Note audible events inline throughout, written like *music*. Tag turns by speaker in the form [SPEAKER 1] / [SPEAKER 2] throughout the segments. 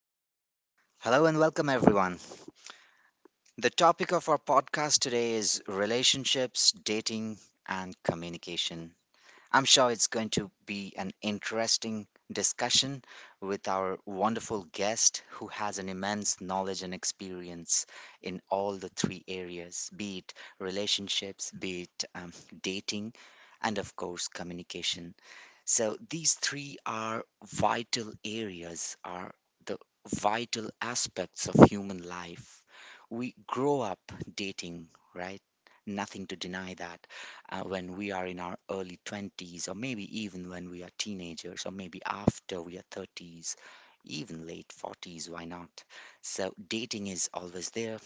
[SPEAKER 1] Hello and welcome, everyone. The topic of our podcast today is relationships, dating, and communication. I'm sure it's going to be an interesting discussion with our wonderful guest who has an immense knowledge and experience in all the three areas, be it relationships, be it dating, and of course, communication. So these three are vital areas, are the vital aspects of human life. We grow up dating, right? Nothing to deny that, when we are in our early 20s, or maybe even when we are teenagers, or maybe after we are 30s, even late 40s, why not? So dating is always there.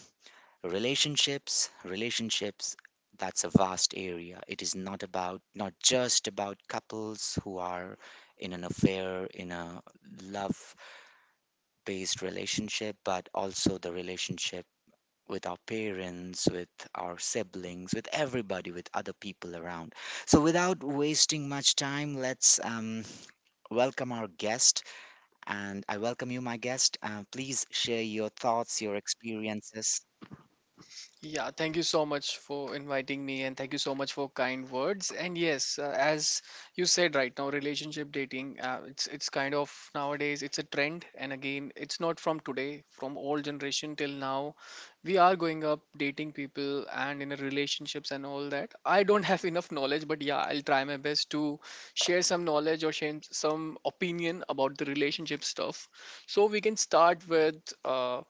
[SPEAKER 1] Relationships, that's a vast area. It is not just about couples who are in an affair, in a love based relationship, but also the relationship with our parents, with our siblings, with everybody, with other people around. So without wasting much time, let's welcome our guest. And I welcome you, my guest, please share your thoughts, your experiences.
[SPEAKER 2] Yeah, thank you so much for inviting me and thank you so much for kind words. And yes, as you said right now, relationship dating, it's kind of nowadays it's a trend and again, it's not from today, from old generation till now. We are going up dating people and in a relationships and all that. I don't have enough knowledge, but yeah, I'll try my best to share some knowledge or share some opinion about the relationship stuff. So we can start with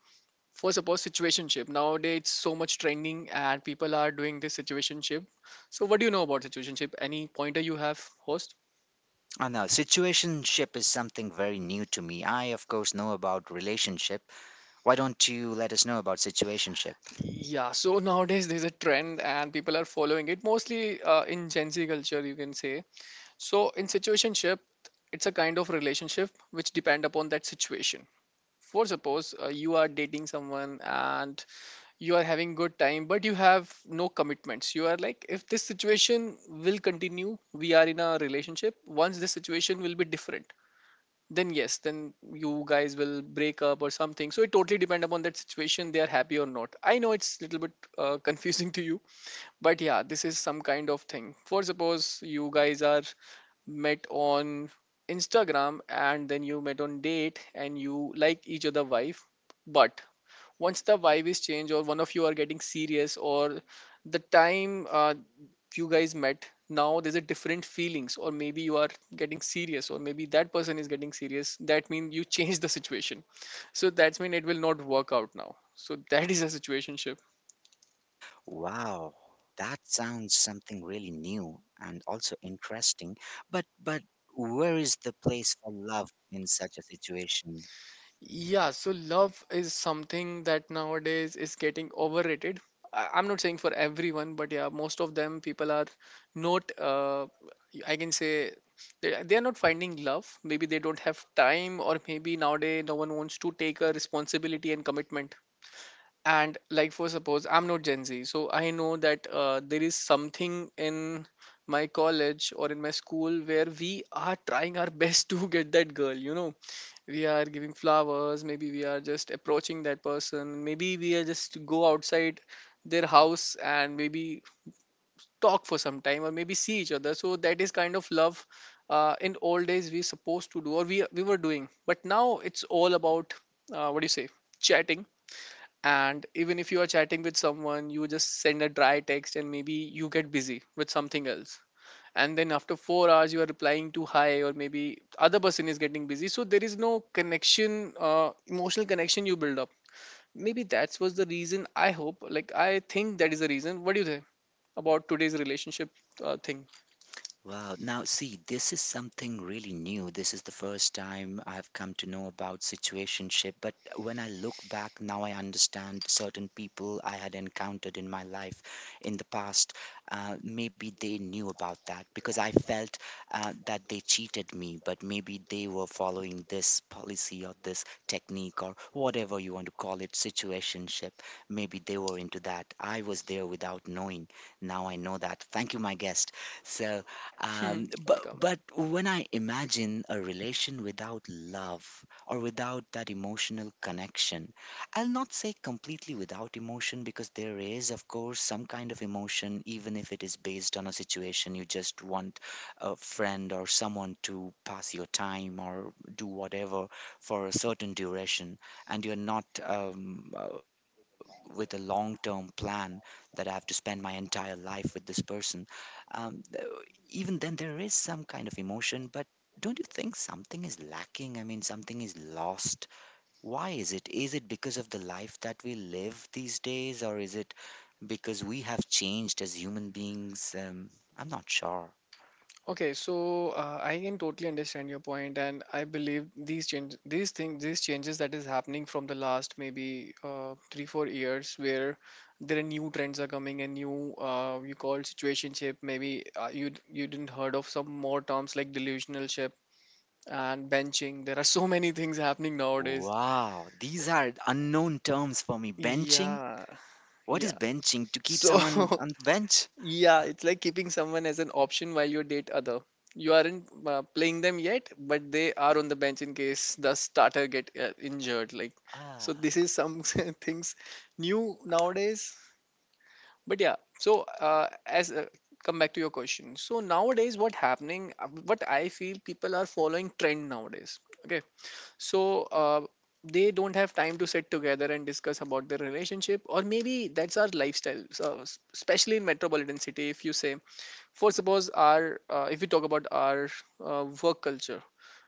[SPEAKER 2] first of all, situationship. Nowadays, it's so much trending and people are doing this situationship. So, what do you know about situationship? Any pointer you have, host?
[SPEAKER 1] I know situationship is something very new to me. I, of course, know about relationship. Why don't you let us know about situationship?
[SPEAKER 2] Yeah, so nowadays there's a trend and people are following it mostly in Gen Z culture, you can say. So, in situationship, it's a kind of relationship which depend upon that situation. For suppose you are dating someone and you are having good time, but you have no commitments. You are like, if this situation will continue, we are in a relationship. Once this situation will be different, then yes, then you guys will break up or something. So it totally depend upon that situation, they are happy or not. I know it's little bit *laughs* confusing to you, but yeah, this is some kind of thing. For suppose you guys are met on instagram and then you met on date and you like each other wife, but once the vibe is changed or one of you are getting serious, or the time you guys met, now there's a different feelings or maybe you are getting serious or maybe that person is getting serious. That means you *laughs* change the situation, so that's mean it will not work out now. So that is a *laughs* situation.
[SPEAKER 1] Wow, that sounds something really new and also interesting. But where is the place for love in such a situation?
[SPEAKER 2] Yeah, so love is something that nowadays is getting overrated. I'm not saying for everyone, but yeah, most of them people are not, I can say, they are not finding love. Maybe they don't have time, or maybe nowadays no one wants to take a responsibility and commitment. And like, for suppose, I'm not Gen Z, so I know that there is something in my college or in my school where we are trying our best *laughs* to get that girl, you know, we are giving flowers, maybe we are just approaching that person, maybe we are just to go outside their house and maybe talk for some time or maybe see each other. So that is kind of love in old days we supposed to do or we were doing, but now it's all about what do you say, chatting. And even if you are chatting with someone, you just send a dry text and maybe you get busy with something else, and then after 4 hours you are replying to hi, or maybe other person is getting busy. So there is no connection, emotional connection you build up. Maybe that was the reason, I hope, like, I think that is the reason. What do you think about today's relationship thing?
[SPEAKER 1] Wow. Now, see, this is something really new. This is the first time I've come to know about situationship. But when I look back now, I understand certain people I had encountered in my life in the past. Maybe they knew about that because I felt, that they cheated me, but maybe they were following this policy or this technique or whatever you want to call it, situationship. Maybe they were into that. I was there without knowing. Now I know that. Thank you, my guest. So,
[SPEAKER 2] *laughs* Welcome.
[SPEAKER 1] but when I imagine a relation without love or without that emotional connection, I'll not say completely without emotion because there is, of course, some kind of emotion, even if it is based on a situation. You just want a friend or someone to pass your time or do whatever for a certain duration, and you're not with a long-term plan, that I have to spend my entire life with this person. um, Even then there is some kind of emotion, but don't you think something is lacking? I mean, something is lost. Why is it? Is it because of the life that we live these days, or is it because we have changed as human beings? I'm not sure.
[SPEAKER 2] Okay, so I can totally understand your point, and I believe these change, these things, these changes that is happening from the last maybe three, 4 years, where there are new trends are coming and new you call situationship. Maybe you didn't heard of some more terms like delusional ship and benching. There are so many things happening nowadays.
[SPEAKER 1] Wow, these are unknown terms for me. Benching?
[SPEAKER 2] Yeah,
[SPEAKER 1] What is
[SPEAKER 2] yeah.
[SPEAKER 1] benching, to keep
[SPEAKER 2] So
[SPEAKER 1] someone
[SPEAKER 2] *laughs*
[SPEAKER 1] on the bench?
[SPEAKER 2] yeah, it's like keeping someone as an option while you date other. You aren't playing them yet, but they are on the bench in case the starter get injured. Like, so this
[SPEAKER 1] Ah.
[SPEAKER 2] is some *laughs* things new nowadays. But yeah, so as come back to your question. So nowadays, what happening? What I feel people are following trend nowadays. Okay, so they don't have time to sit together and discuss about their relationship, or maybe that's our lifestyle. So especially in metropolitan city, if you say, for suppose our if we talk about our work culture,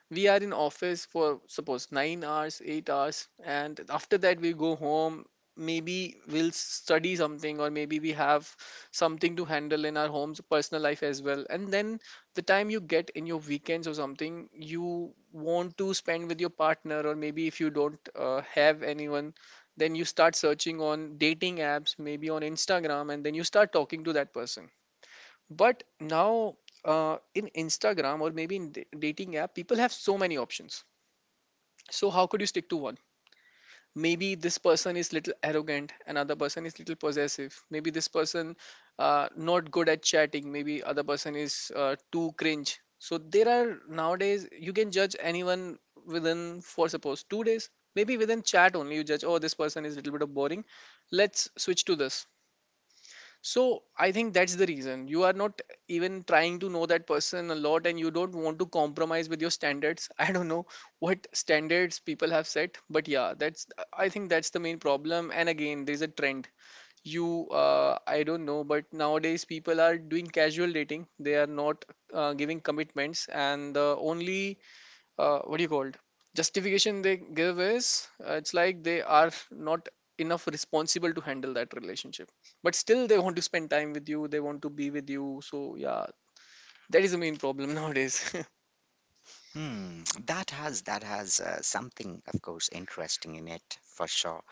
[SPEAKER 2] we are in office for suppose 9 hours, 8 hours, and after that we go home. Maybe we'll study something or maybe we have something to handle in our homes, personal life as well, and then the time you get in your weekends or something, you want to spend with your partner, or maybe if you don't have anyone, then you start searching on dating apps, maybe on instagram, and then you start talking to that person. But now, in Instagram or maybe in dating app, people have so many options. So how could you stick to one? Maybe this person is little arrogant, another person is little possessive. Maybe this person not good at chatting. Maybe other person is too cringe. So there are nowadays you can judge anyone within for suppose 2 days. Maybe within chat only you judge. Oh, this person is little bit of boring. Let's switch to this. So I think that's the reason you are not even trying to know that person a lot and you don't want to compromise with your standards. *laughs* I don't know what standards people have set, but yeah, that's, I think that's the main problem. And again, there's a trend. I don't know, but nowadays people are doing casual dating. They are not giving commitments, and the only what do you called justification they give is, it's like they are not enough responsible to handle that relationship, but still they want to spend time with you, they want to be with you. So yeah, that is the main problem *laughs* nowadays.
[SPEAKER 1] Hmm, that has something, of course, interesting in it for sure.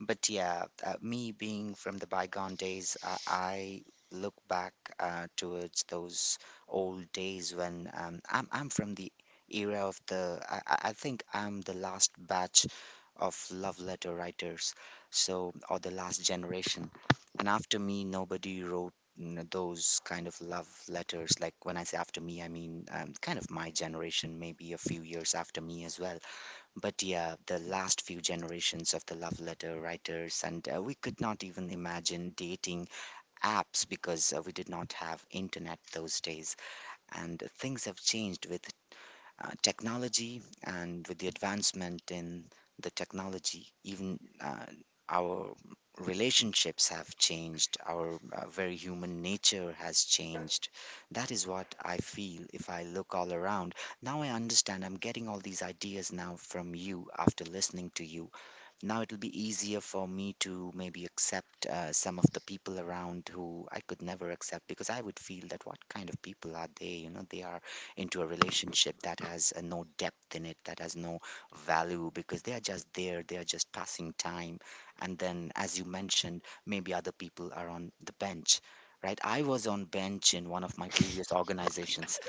[SPEAKER 1] But yeah, me being from the bygone days, I look back towards those old days when, I'm from the era of the I think I'm the last batch of love letter writers, so, or the last generation. And after me, nobody wrote those kind of love letters. Like when I say after me, I mean, kind of my generation, maybe a few years after me as well. But yeah, the last few generations of the love letter writers. And we could not even imagine dating apps because we did not have internet those days. And things have changed with technology, and with the advancement in the technology. Even our relationships have changed. Our very human nature has changed. That is what I feel if I look all around. Now I understand. I'm getting all these ideas now from you. After listening to you, now it'll be easier for me to maybe accept some of the people around who I could never accept, because I would feel that what kind of people are they? You know, they are into a relationship that has no depth in it, that has no value, because they are just there, they are just passing time. And then, as you mentioned, maybe other people are on the bench. Right, I was on bench in one of my previous organizations,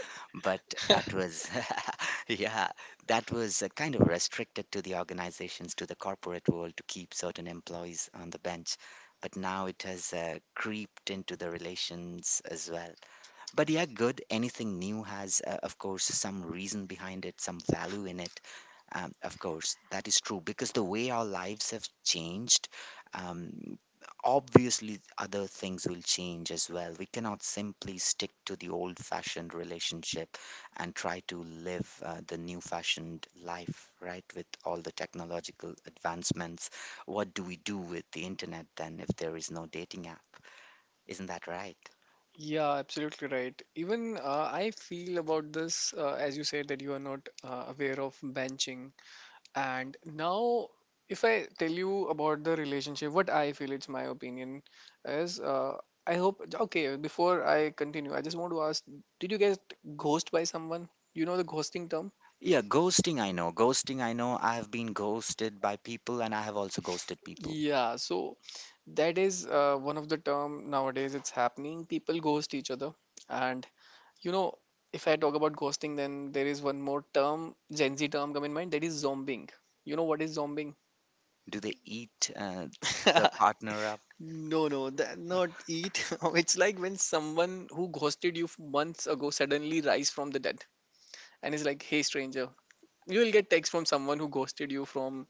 [SPEAKER 1] but that was, *laughs* yeah, that was kind of restricted to the organizations, to the corporate world, to keep certain employees on the bench. But now it has creeped into the relations as well. But yeah, good. Anything new has, of course, some reason behind it, some value in it. Of course, that is true, because the way our lives have changed, um, obviously other things will change as well. We cannot simply stick to the old fashioned relationship and try to live the new fashioned life, right? With all the technological advancements. What do we do with the internet then if there is no dating app? Isn't that right?
[SPEAKER 2] Yeah, absolutely right. Even I feel about this, as you said that you are not aware of benching. And now, if I tell you about the relationship, what I feel, it's my opinion, is, I hope, okay, before I continue, I just want to ask, did you get ghosted by someone? You know the ghosting term?
[SPEAKER 1] Yeah, ghosting, I know. Ghosting, I know. I have been ghosted by people, and I have also ghosted people.
[SPEAKER 2] Yeah, so that is one of the term nowadays it's happening. People ghost each other. And you know, if I talk about ghosting, then there is one more term, Gen Z term come in mind, that is zombing. You know what is zombing?
[SPEAKER 1] Do they eat the partner up?
[SPEAKER 2] *laughs* No, no, that not eat. *laughs* It's like when someone who ghosted you months ago suddenly rise from the dead and is like, "Hey, stranger." You will get text from someone who ghosted you from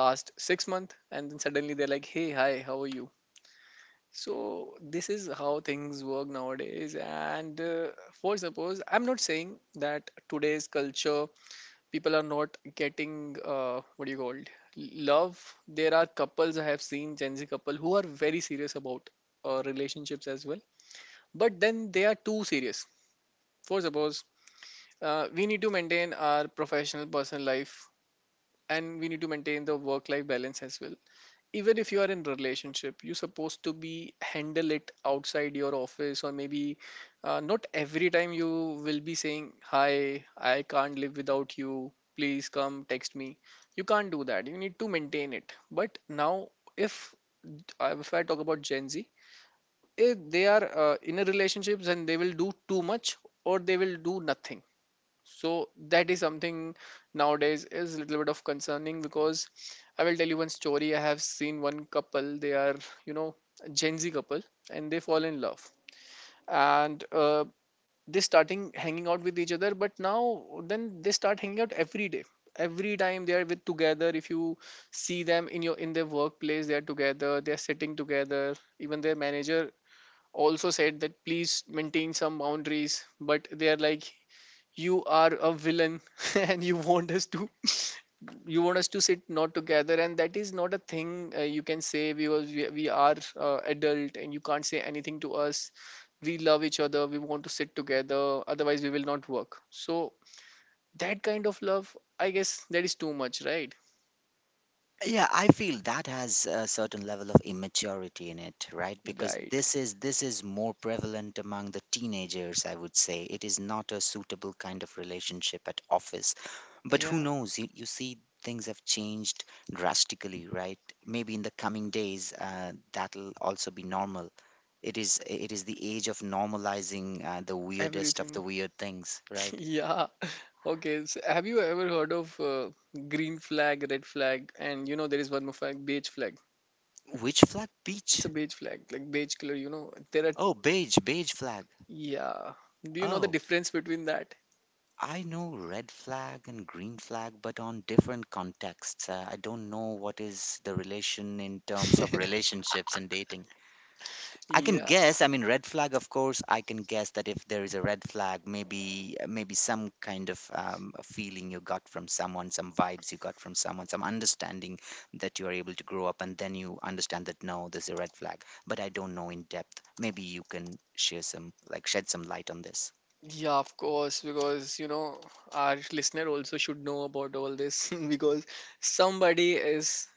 [SPEAKER 2] last 6 month, and then suddenly they're like, "Hey, hi, how are you?" So this is how things work nowadays. And for suppose, I'm not saying that today's culture people are not getting what do you call it, love. There are couples I have seen, Gen Z couple, who are very serious about relationships as well, but then they are too serious. For suppose we need to maintain our professional personal life and we need to maintain the work life balance as well. Even if you are in relationship, you're supposed to be handle it outside your office, or maybe not every time you will be saying, hi, I can't live without you, please come text me. You can't do that, you need to maintain it. But now, if I talk about Gen Z, if they are in a relationships, and they will do too much or they will do nothing. So that is something nowadays is a little bit of concerning, because I will tell you one story. I have seen one couple, they are, you know, a Gen Z couple, and they fall in love, and they starting hanging out with each other, but now then they start hanging out every day, every time they are with together. If you see them in your in their workplace, they are together, they are sitting together. Even their manager also said that please maintain some boundaries, but they are like, you are a villain *laughs* and you want us to *laughs* you want us to sit not together, and that is not a thing, you can say, because we are adult and you can't say anything to us. We love each other, we want to sit together, otherwise we will not work. So that kind of love, I guess, that is too much, right?
[SPEAKER 1] Yeah, I feel that has a certain level of immaturity in it, right? Because
[SPEAKER 2] Right.
[SPEAKER 1] this is more prevalent among the teenagers, I would say. It is not a suitable kind of relationship at office. But who
[SPEAKER 2] Yeah,
[SPEAKER 1] knows? You see things have changed drastically, right? Maybe in the coming days, that'll also be normal. It is the age of normalizing the weirdest of the
[SPEAKER 2] everything.
[SPEAKER 1] weird things, right?
[SPEAKER 2] *laughs* Yeah, okay, so have you ever heard of green flag, red flag, and you know there is one more flag, beige flag.
[SPEAKER 1] Which flag?
[SPEAKER 2] It's a
[SPEAKER 1] Beach.
[SPEAKER 2] beige flag, like beige color. You know, there are,
[SPEAKER 1] Oh, beige, beige flag.
[SPEAKER 2] yeah. Do you know the
[SPEAKER 1] Oh,
[SPEAKER 2] difference between that?
[SPEAKER 1] I know red flag and green flag, but on different contexts. I don't know what is the relation in terms of relationships and dating. I can
[SPEAKER 2] Yeah,
[SPEAKER 1] guess, I mean, red flag, of course, I can guess that if there is a red flag, maybe some kind of, a feeling you got from someone, some vibes you got from someone, some understanding, that you are able to grow up, and then you understand that no, there's a red flag. But I don't know in depth. Maybe you can shed some light on this.
[SPEAKER 2] yeah, of course, because you know our listener also should know about all this *laughs* because somebody is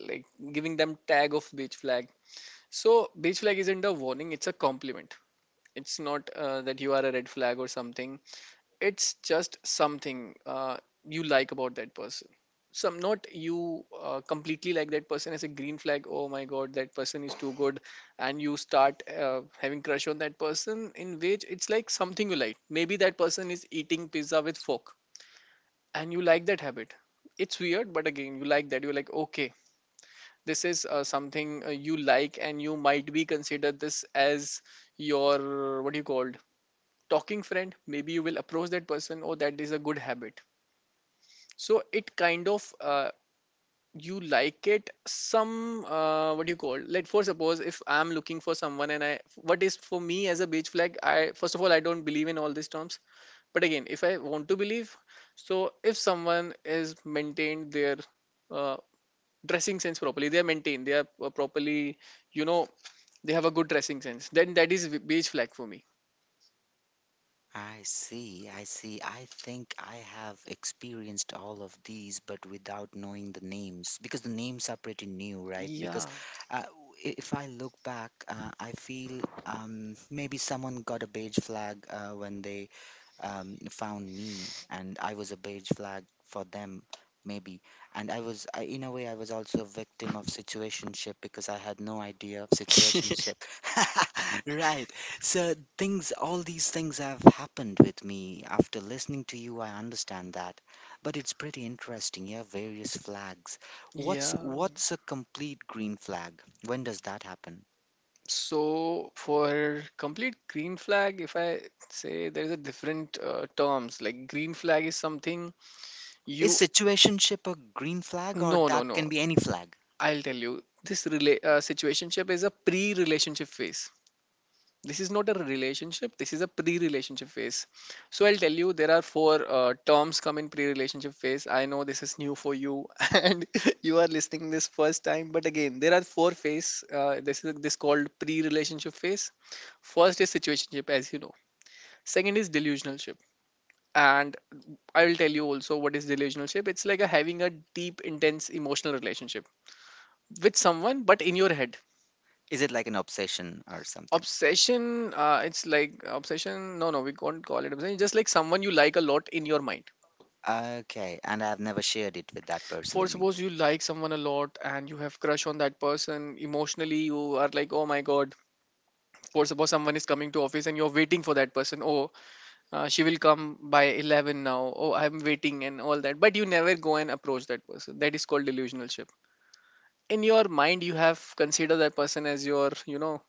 [SPEAKER 2] like giving them tag of beige flag. So beige flag isn't a warning; it's a compliment. It's not that you are a red flag or something. It's just something you like about that person, some, not you completely like that person as a green flag. Oh my god, that person is too good, and you start having crush on that person, in which it's like something you like. Maybe that person is eating pizza with fork and you like that habit. It's weird, but again, you like that. You're like, okay, this is something you like, and you might be consider this as your, what do you called, talking friend. Maybe you will approach that person. Oh, that is a good habit. So it kind of you like it, some. What do you call, like, for suppose if I'm looking for someone and I, what is for me as a beach flag. I, first of all, I don't believe in all these terms, but again, if I want to believe, so if someone is maintained their uh, dressing sense properly, they are maintained, they are properly, you know, they have a good dressing sense, then that is beach flag for me.
[SPEAKER 1] I see, I see. I think I have experienced all of these, but without knowing the names, because the names are pretty new, right? Because
[SPEAKER 2] Yeah.
[SPEAKER 1] uh, w- if I look back, I feel, maybe someone got a beige flag when they found me, and I was a beige flag for them, maybe. And in a way, I was also a victim of situationship because I had no idea of situationship. *laughs* Right. So all these things have happened with me. After listening to you, I understand that, but it's pretty interesting. Yeah, various flags. What's
[SPEAKER 2] *laughs* Yeah.
[SPEAKER 1] what's a complete green flag? When does that happen?
[SPEAKER 2] So for complete green flag, if I say there is a different terms like green flag is something
[SPEAKER 1] Is
[SPEAKER 2] you.
[SPEAKER 1] situationship a green flag, or
[SPEAKER 2] No, no,
[SPEAKER 1] that
[SPEAKER 2] no,
[SPEAKER 1] can be any flag?
[SPEAKER 2] I'll tell you this situationship is a pre-relationship phase. This is not a relationship, this is a pre-relationship phase. So I'll tell you there are four terms come in pre-relationship phase. I know this is new for you *laughs* and you are listening this first time, but again, there are four phase. This is this called pre-relationship phase. First is situationship, as you know. Second is delusionalship. And I will tell you also what is delusionalship. It's like a having a deep intense emotional relationship with someone, but in your head.
[SPEAKER 1] Is it like an obsession or something?
[SPEAKER 2] Obsession. It's like obsession. No, no, we can't call it obsession. It's just like someone you like a lot in your mind.
[SPEAKER 1] Okay, and I've never shared it with that person,
[SPEAKER 2] For
[SPEAKER 1] you mean?
[SPEAKER 2] suppose you like someone a lot and you have crush on that person. Emotionally, you are like, oh my god. For suppose someone is coming to office and you're waiting for that person. Oh, she will come by 11 now. Oh, I'm waiting and all that, but you never go and approach that person. That is called delusional ship. In your mind, you have considered that person as your, you know,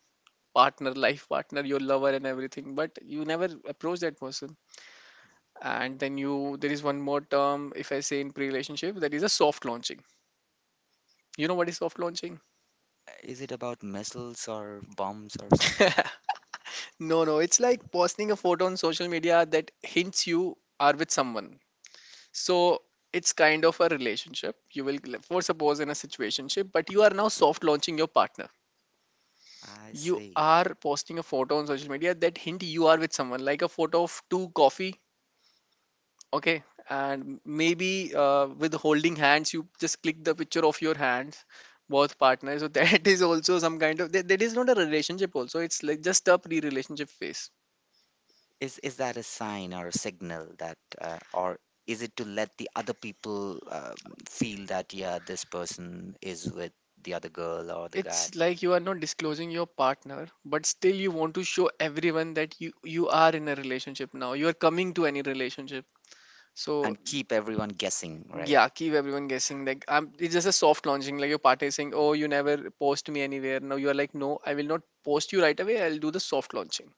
[SPEAKER 2] partner, life partner, your lover, and everything, but you never approach that person. And then you, there is one more term, if I say in pre-relationship, that is a soft launching. You know what is soft launching?
[SPEAKER 1] Is it about missiles or bombs or something?
[SPEAKER 2] *laughs* No, no, it's like posting a photo on social media that hints you are with someone. So it's kind of a relationship. You will for suppose in a situationship, but you are now soft launching your partner.
[SPEAKER 1] I
[SPEAKER 2] You
[SPEAKER 1] see.
[SPEAKER 2] are posting a photo on social media that hint you are with someone, like a photo of two coffee. Okay, and maybe with holding hands, you just click the picture of your hands, both partners. So *laughs* that is also some kind of that. That is not a relationship also. It's like just a pre-relationship phase.
[SPEAKER 1] Is that, a sign or a signal, or is it to let the other people, feel that, yeah, this person is with the other girl or the guy,
[SPEAKER 2] It's like you are not disclosing your partner, but still you want to show everyone that you are in a relationship now. You are coming to any relationship. So
[SPEAKER 1] and keep everyone guessing, right?
[SPEAKER 2] yeah, keep everyone guessing. Like, I'm, it's just a soft launching. Like your partner is saying, "Oh, you never post me anywhere." Now you are like, "No, I will not post you right away. I'll do the soft launching."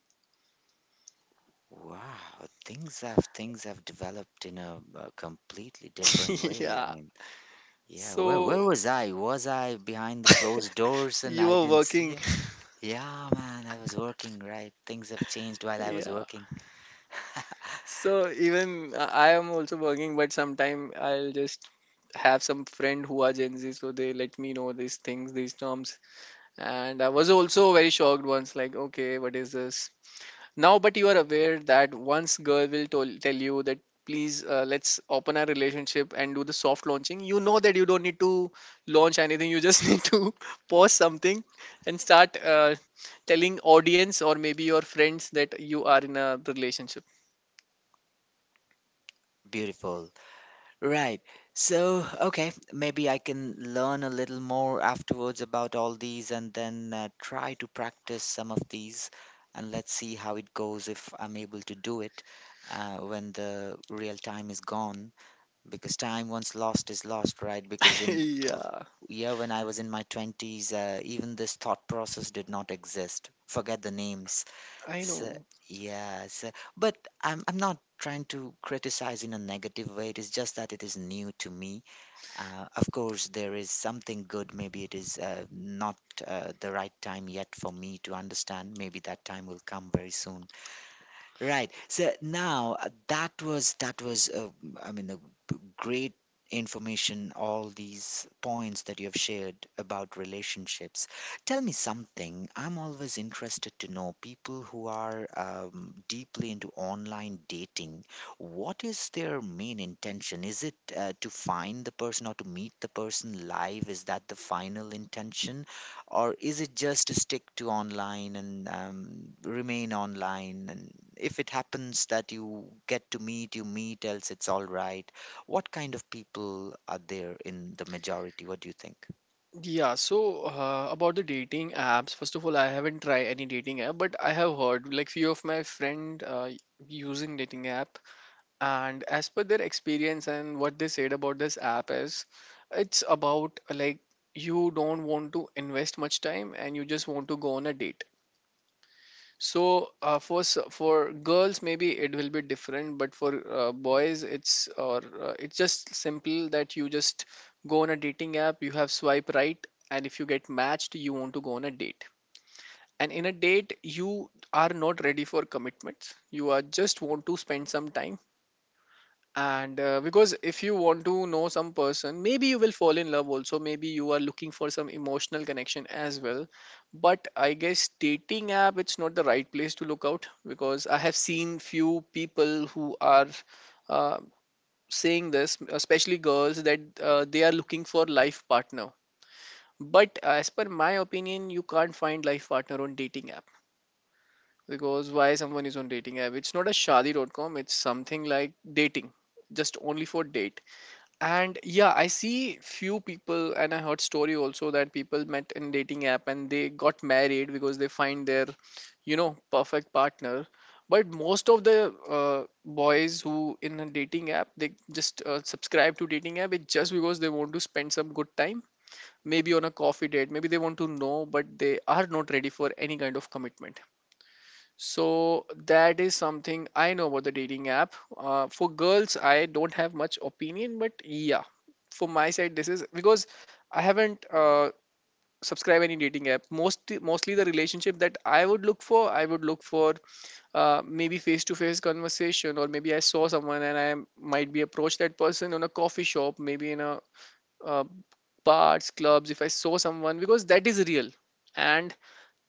[SPEAKER 1] Wow, things have developed in a completely different
[SPEAKER 2] *laughs*
[SPEAKER 1] way. I
[SPEAKER 2] Yeah.
[SPEAKER 1] mean, yeah, where
[SPEAKER 2] So
[SPEAKER 1] where was I? Was I behind the closed doors and
[SPEAKER 2] you
[SPEAKER 1] I
[SPEAKER 2] are
[SPEAKER 1] didn't see
[SPEAKER 2] working.
[SPEAKER 1] it? Yeah, man, I was working, right? Things have changed while I was
[SPEAKER 2] Yeah.
[SPEAKER 1] working. *laughs*
[SPEAKER 2] So even I am also working, but sometime I'll just have some friend who are Gen Z, so they let me know these things, these terms. And I was also very shocked once, like, okay, what is this? Now, but you are aware that once girl will tell you that, please let's open our relationship and do the soft launching. You know that you don't need to launch anything. You just *laughs* need to post something and start telling audience or maybe your friends that you are in a relationship.
[SPEAKER 1] Beautiful. Right. So, okay, maybe I can learn a little more afterwards about all these, and then try to practice some of these, and let's see how it goes if I'm able to do it when the real time is gone. Because time once lost is lost, right? Because
[SPEAKER 2] *laughs* Yeah,
[SPEAKER 1] yeah, when I was in my 20s, even this thought process did not exist. Forget the names.
[SPEAKER 2] I
[SPEAKER 1] So,
[SPEAKER 2] know.
[SPEAKER 1] yeah, but I'm not trying to criticize in a negative way. It is just that it is new to me. Of course, there is something good. Maybe it is, not, the right time yet for me to understand. Maybe that time will come very soon. Right. So now, that was I mean a great information, all these points that you have shared about relationships. Tell me something. I'm always interested to know people who are, deeply into online dating. What is their main intention? Is it to find the person or to meet the person live? Is that the final intention? Or is it just to stick to online and, remain online, and if it happens that you get to meet, you meet, else it's all right. What kind of people are there in the majority? What do you think?
[SPEAKER 2] Yeah, so about the dating apps, first of all, I haven't tried any dating app, but I have heard like few of my friend using dating app. And as per their experience and what they said about this app is, it's about like, you don't want to invest much time and you just want to go on a date. So for girls, maybe it will be different, but for boys, it's, or it's just simple that you just go on a dating app, you have swipe right, and if you get matched, you want to go on a date. And in a date, you are not ready for commitments, you are just want to spend some time. And because if you want to know some person, maybe you will fall in love also. Maybe you are looking for some emotional connection as well, but I guess dating app, it's not the right place to look out, because I have seen few people who are uh, saying this, especially girls, that they are looking for life partner. But as per my opinion, you can't find life partner on dating app. Because why someone is on dating app? It's not a shadi.com, it's something like dating, just only for date. And yeah, I see few people and I heard story also that people met in dating app and they got married because they find their, you know, perfect partner. But most of the boys who in a dating app, they just subscribe to dating app, it's just because they want to spend some good time, maybe on a coffee date. Maybe they want to know, but they are not ready for any kind of commitment. So that is something I know about the dating app. For girls, I don't have much opinion, but yeah, for my side, this is because I haven't subscribed any dating app. Mostly the relationship that I would look for, I would look for maybe face to face conversation, or maybe I saw someone and I might be approached that person on a coffee shop, maybe in a uh, bars, clubs. If I saw someone, because that is real. And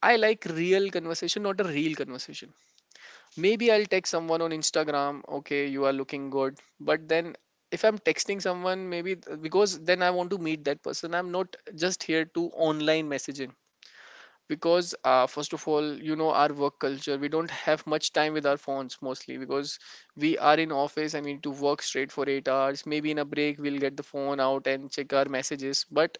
[SPEAKER 2] I like real conversation, not a real conversation. Maybe I'll text someone on Instagram, okay, you are looking good. But then if I'm texting someone, maybe because then I want to meet that person, I'm not just here to online messaging. Because, first of all, you know, our work culture, we don't have much time with our phones, mostly because we are in office and we need to work straight for 8 hours. Maybe in a break, we'll get the phone out and check our messages. But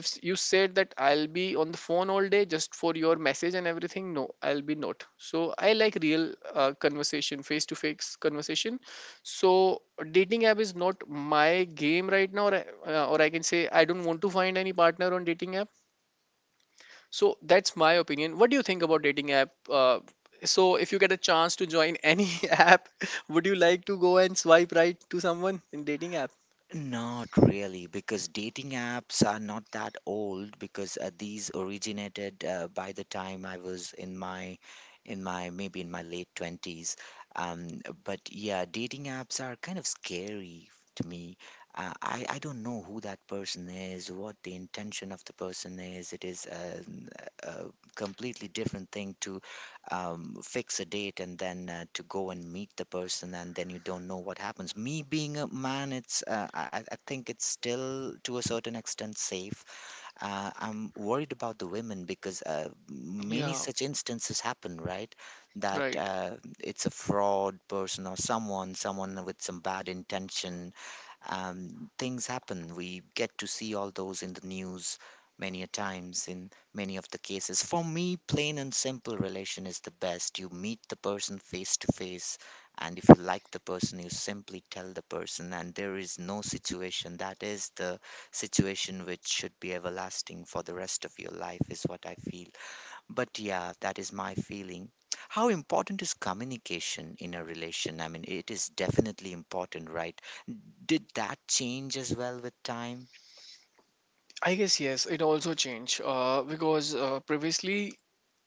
[SPEAKER 2] if you said that I'll be on the phone all day just for your message and everything, no, I'll be not. So I like real conversation, face to face conversation. So dating app is not my game right now. Or I can say I don't want to find any partner on dating app. So that's my opinion. What do you think about dating app? So if you get a chance to join any *laughs* app, would you like to go and swipe right to someone in dating app?
[SPEAKER 1] Not really, because dating apps are not that old, because these originated by the time I was in my, maybe in my late 20s. But yeah, dating apps are kind of scary to me. I don't know who that person is, what the intention of the person is. It is a completely different thing to, fix a date and then to go and meet the person, and then you don't know what happens. Me being a man, I think it's still to a certain extent safe. I'm worried about the women, because many
[SPEAKER 2] Yeah,
[SPEAKER 1] such instances happen, right? That,
[SPEAKER 2] right.
[SPEAKER 1] it's a fraud person or someone with some bad intention. Things happen. We get to see all those in the news many a times, in many of the cases. For me, plain and simple relation is the best. You meet the person face to face, and if you like the person, you simply tell the person, and there is no situation. That is the situation which should be everlasting for the rest of your life, is what I feel. But yeah, that is my feeling. How important is communication in a relation? I mean, it is definitely important, right? Did that change as well with time?
[SPEAKER 2] I guess yes, it also changed because previously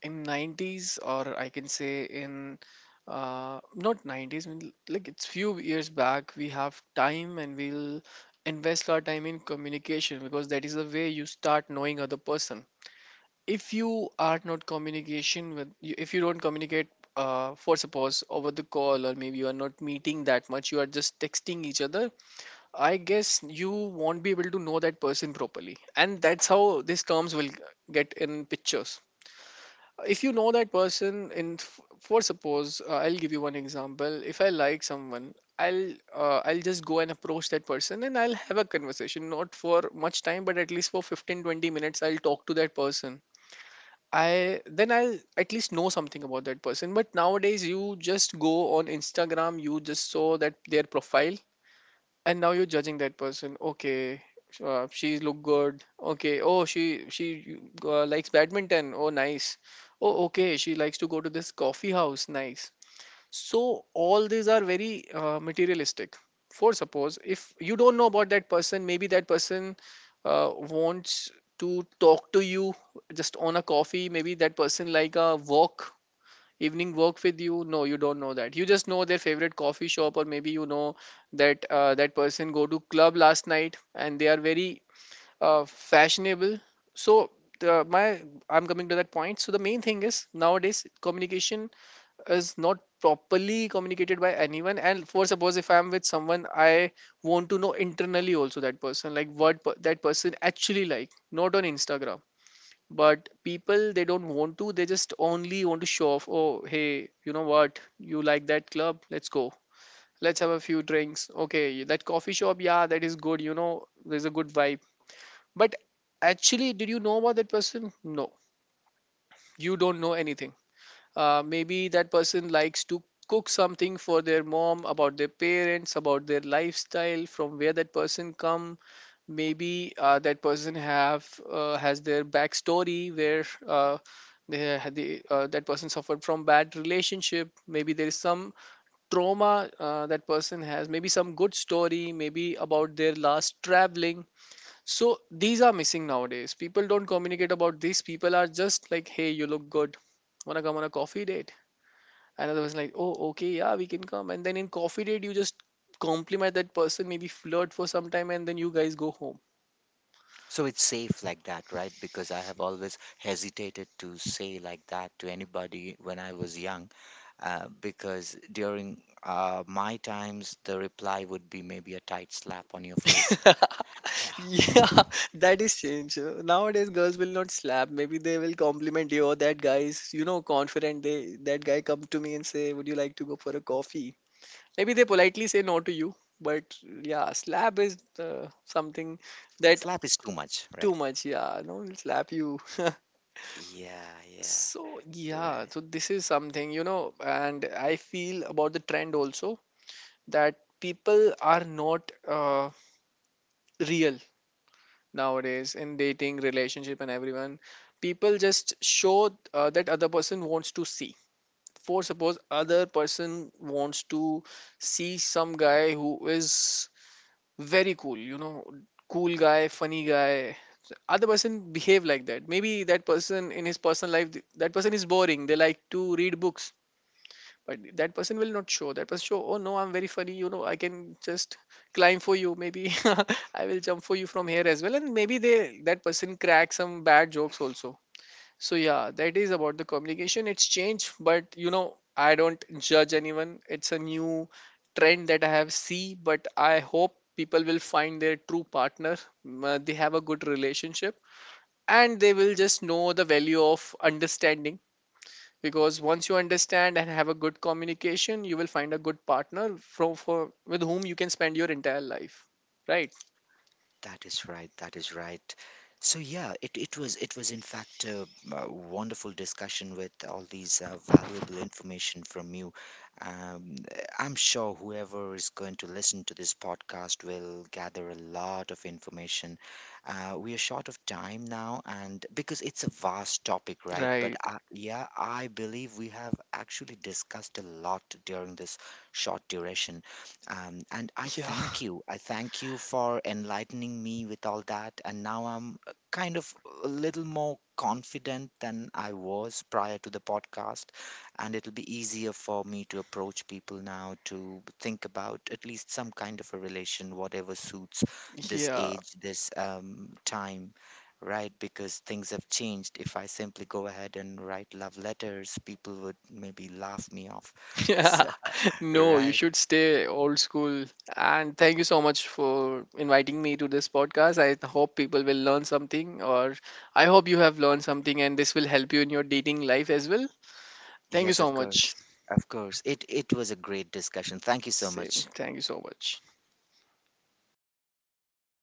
[SPEAKER 2] in 90s, or I can say in not 90s, I mean, like, it's few years back, we have time and we'll invest our time in communication, because that is the way you start knowing other person. If you are not communication with, if you don't communicate, for suppose over the call, or maybe you are not meeting that much, you are just texting each other. I guess you won't be able to know that person properly. And that's how these terms will get in pictures. If you know that person in for suppose, I'll give you one example. If I like someone, I'll just go and approach that person and I'll have a conversation, not for much time, but at least for 15-20 minutes, I'll talk to that person. I then I'll at least know something about that person. But nowadays you just go on Instagram, you just saw that their profile and now you're judging that person. Okay, she look good. Okay, oh, she likes badminton, oh nice. Oh okay, she likes to go to this coffee house, nice. So all these are very materialistic. For suppose if you don't know about that person, maybe that person wants to talk to you just on a coffee, maybe that person like a walk, evening work with you. No, you don't know that, you just know their favorite coffee shop, or maybe you know that that person go to club last night and they are very fashionable. So the, my I'm coming to that point. So the main thing is nowadays communication is not properly communicated by anyone, and for suppose if I'm with someone, I want to know internally also that person like that person actually like, not on Instagram. But people, they don't want to, they just only want to show off. Oh hey, you know what, you like that club, let's go, let's have a few drinks. Okay, that coffee shop, yeah that is good, you know there's a good vibe. But actually did you know about that person? No, you don't know anything. Maybe that person likes to cook something for their mom, about their parents, about their lifestyle, from where that person come. Maybe that person have has their backstory where that person suffered from bad relationship. Maybe there is some trauma that person has. Maybe some good story. Maybe about their last traveling. So these are missing nowadays. People don't communicate about this. People are just like, hey, you look good. Wanna come on a coffee date? Another was like, oh, okay, yeah, we can come. And then in coffee date, you just compliment that person, maybe flirt for some time, and then you guys go home.
[SPEAKER 1] So it's safe like that, right? Because I have always hesitated to say like that to anybody when I was young, because during my times, the reply would be maybe a tight slap on your face.
[SPEAKER 2] *laughs*
[SPEAKER 1] Yeah,
[SPEAKER 2] Yeah, that is change. Nowadays, girls will not slap. Maybe they will compliment you. Or that guy is, you know, confident. They That guy come to me and say, "Would you like to go for a coffee?" Maybe they politely say no to you. But yeah, slap is something that
[SPEAKER 1] slap is too much,
[SPEAKER 2] too
[SPEAKER 1] right?
[SPEAKER 2] much. Yeah, no, will slap you. *laughs*
[SPEAKER 1] Yeah, yeah,
[SPEAKER 2] So, yeah,
[SPEAKER 1] right.
[SPEAKER 2] so this is something, you know, and I feel about the trend also that people are not real nowadays in dating, relationship, and everyone. People just show that other person wants to see. For suppose other person wants to see some guy who is very cool, you know, cool guy, funny guy. Other person behave like that. Maybe that person in his personal life, that person is boring. They like to read books, but that person will not show. That person show, oh no, I'm very funny, you know, I can just climb for you maybe, *laughs* I will jump for you from here as well, and maybe they that person cracks some bad jokes also. So yeah, that is about the communication, it's changed. But you know, I don't judge anyone, it's a new trend that I have see. But I hope people will find their true partner, they have a good relationship and they will just know the value of understanding, because once you understand and have a good communication, you will find a good partner from for with whom you can spend your entire life, right?
[SPEAKER 1] That is right. That is right. So yeah, it was in fact a, wonderful discussion with all these valuable information from you. Um, I'm sure whoever is going to listen to this podcast will gather a lot of information. We are short of time now, and because it's a vast topic, right? But
[SPEAKER 2] Right.
[SPEAKER 1] yeah, I believe we have actually discussed a lot during this short duration. And I
[SPEAKER 2] Yeah.
[SPEAKER 1] thank you. I thank you for enlightening me with all that. And now I'm, kind of a little more confident than I was prior to the podcast. And it'll be easier for me to approach people now, to think about at least some kind of a relation, whatever suits
[SPEAKER 2] *laughs*
[SPEAKER 1] this
[SPEAKER 2] Yeah.
[SPEAKER 1] age, this time. Right, because things have changed. If I simply go ahead and write love letters, people would maybe laugh me off.
[SPEAKER 2] *laughs*
[SPEAKER 1] *laughs*
[SPEAKER 2] Yeah,
[SPEAKER 1] So,
[SPEAKER 2] no, you
[SPEAKER 1] right.
[SPEAKER 2] should stay old school. And thank you so much for inviting me to this podcast. I hope people will learn something, or I hope you have learned something, and this will help you in your dating life as well. Thank you
[SPEAKER 1] Yes,
[SPEAKER 2] so
[SPEAKER 1] of
[SPEAKER 2] much.
[SPEAKER 1] course. Of course. It was a great discussion. Thank you so
[SPEAKER 2] Same,
[SPEAKER 1] much.
[SPEAKER 2] thank you so much.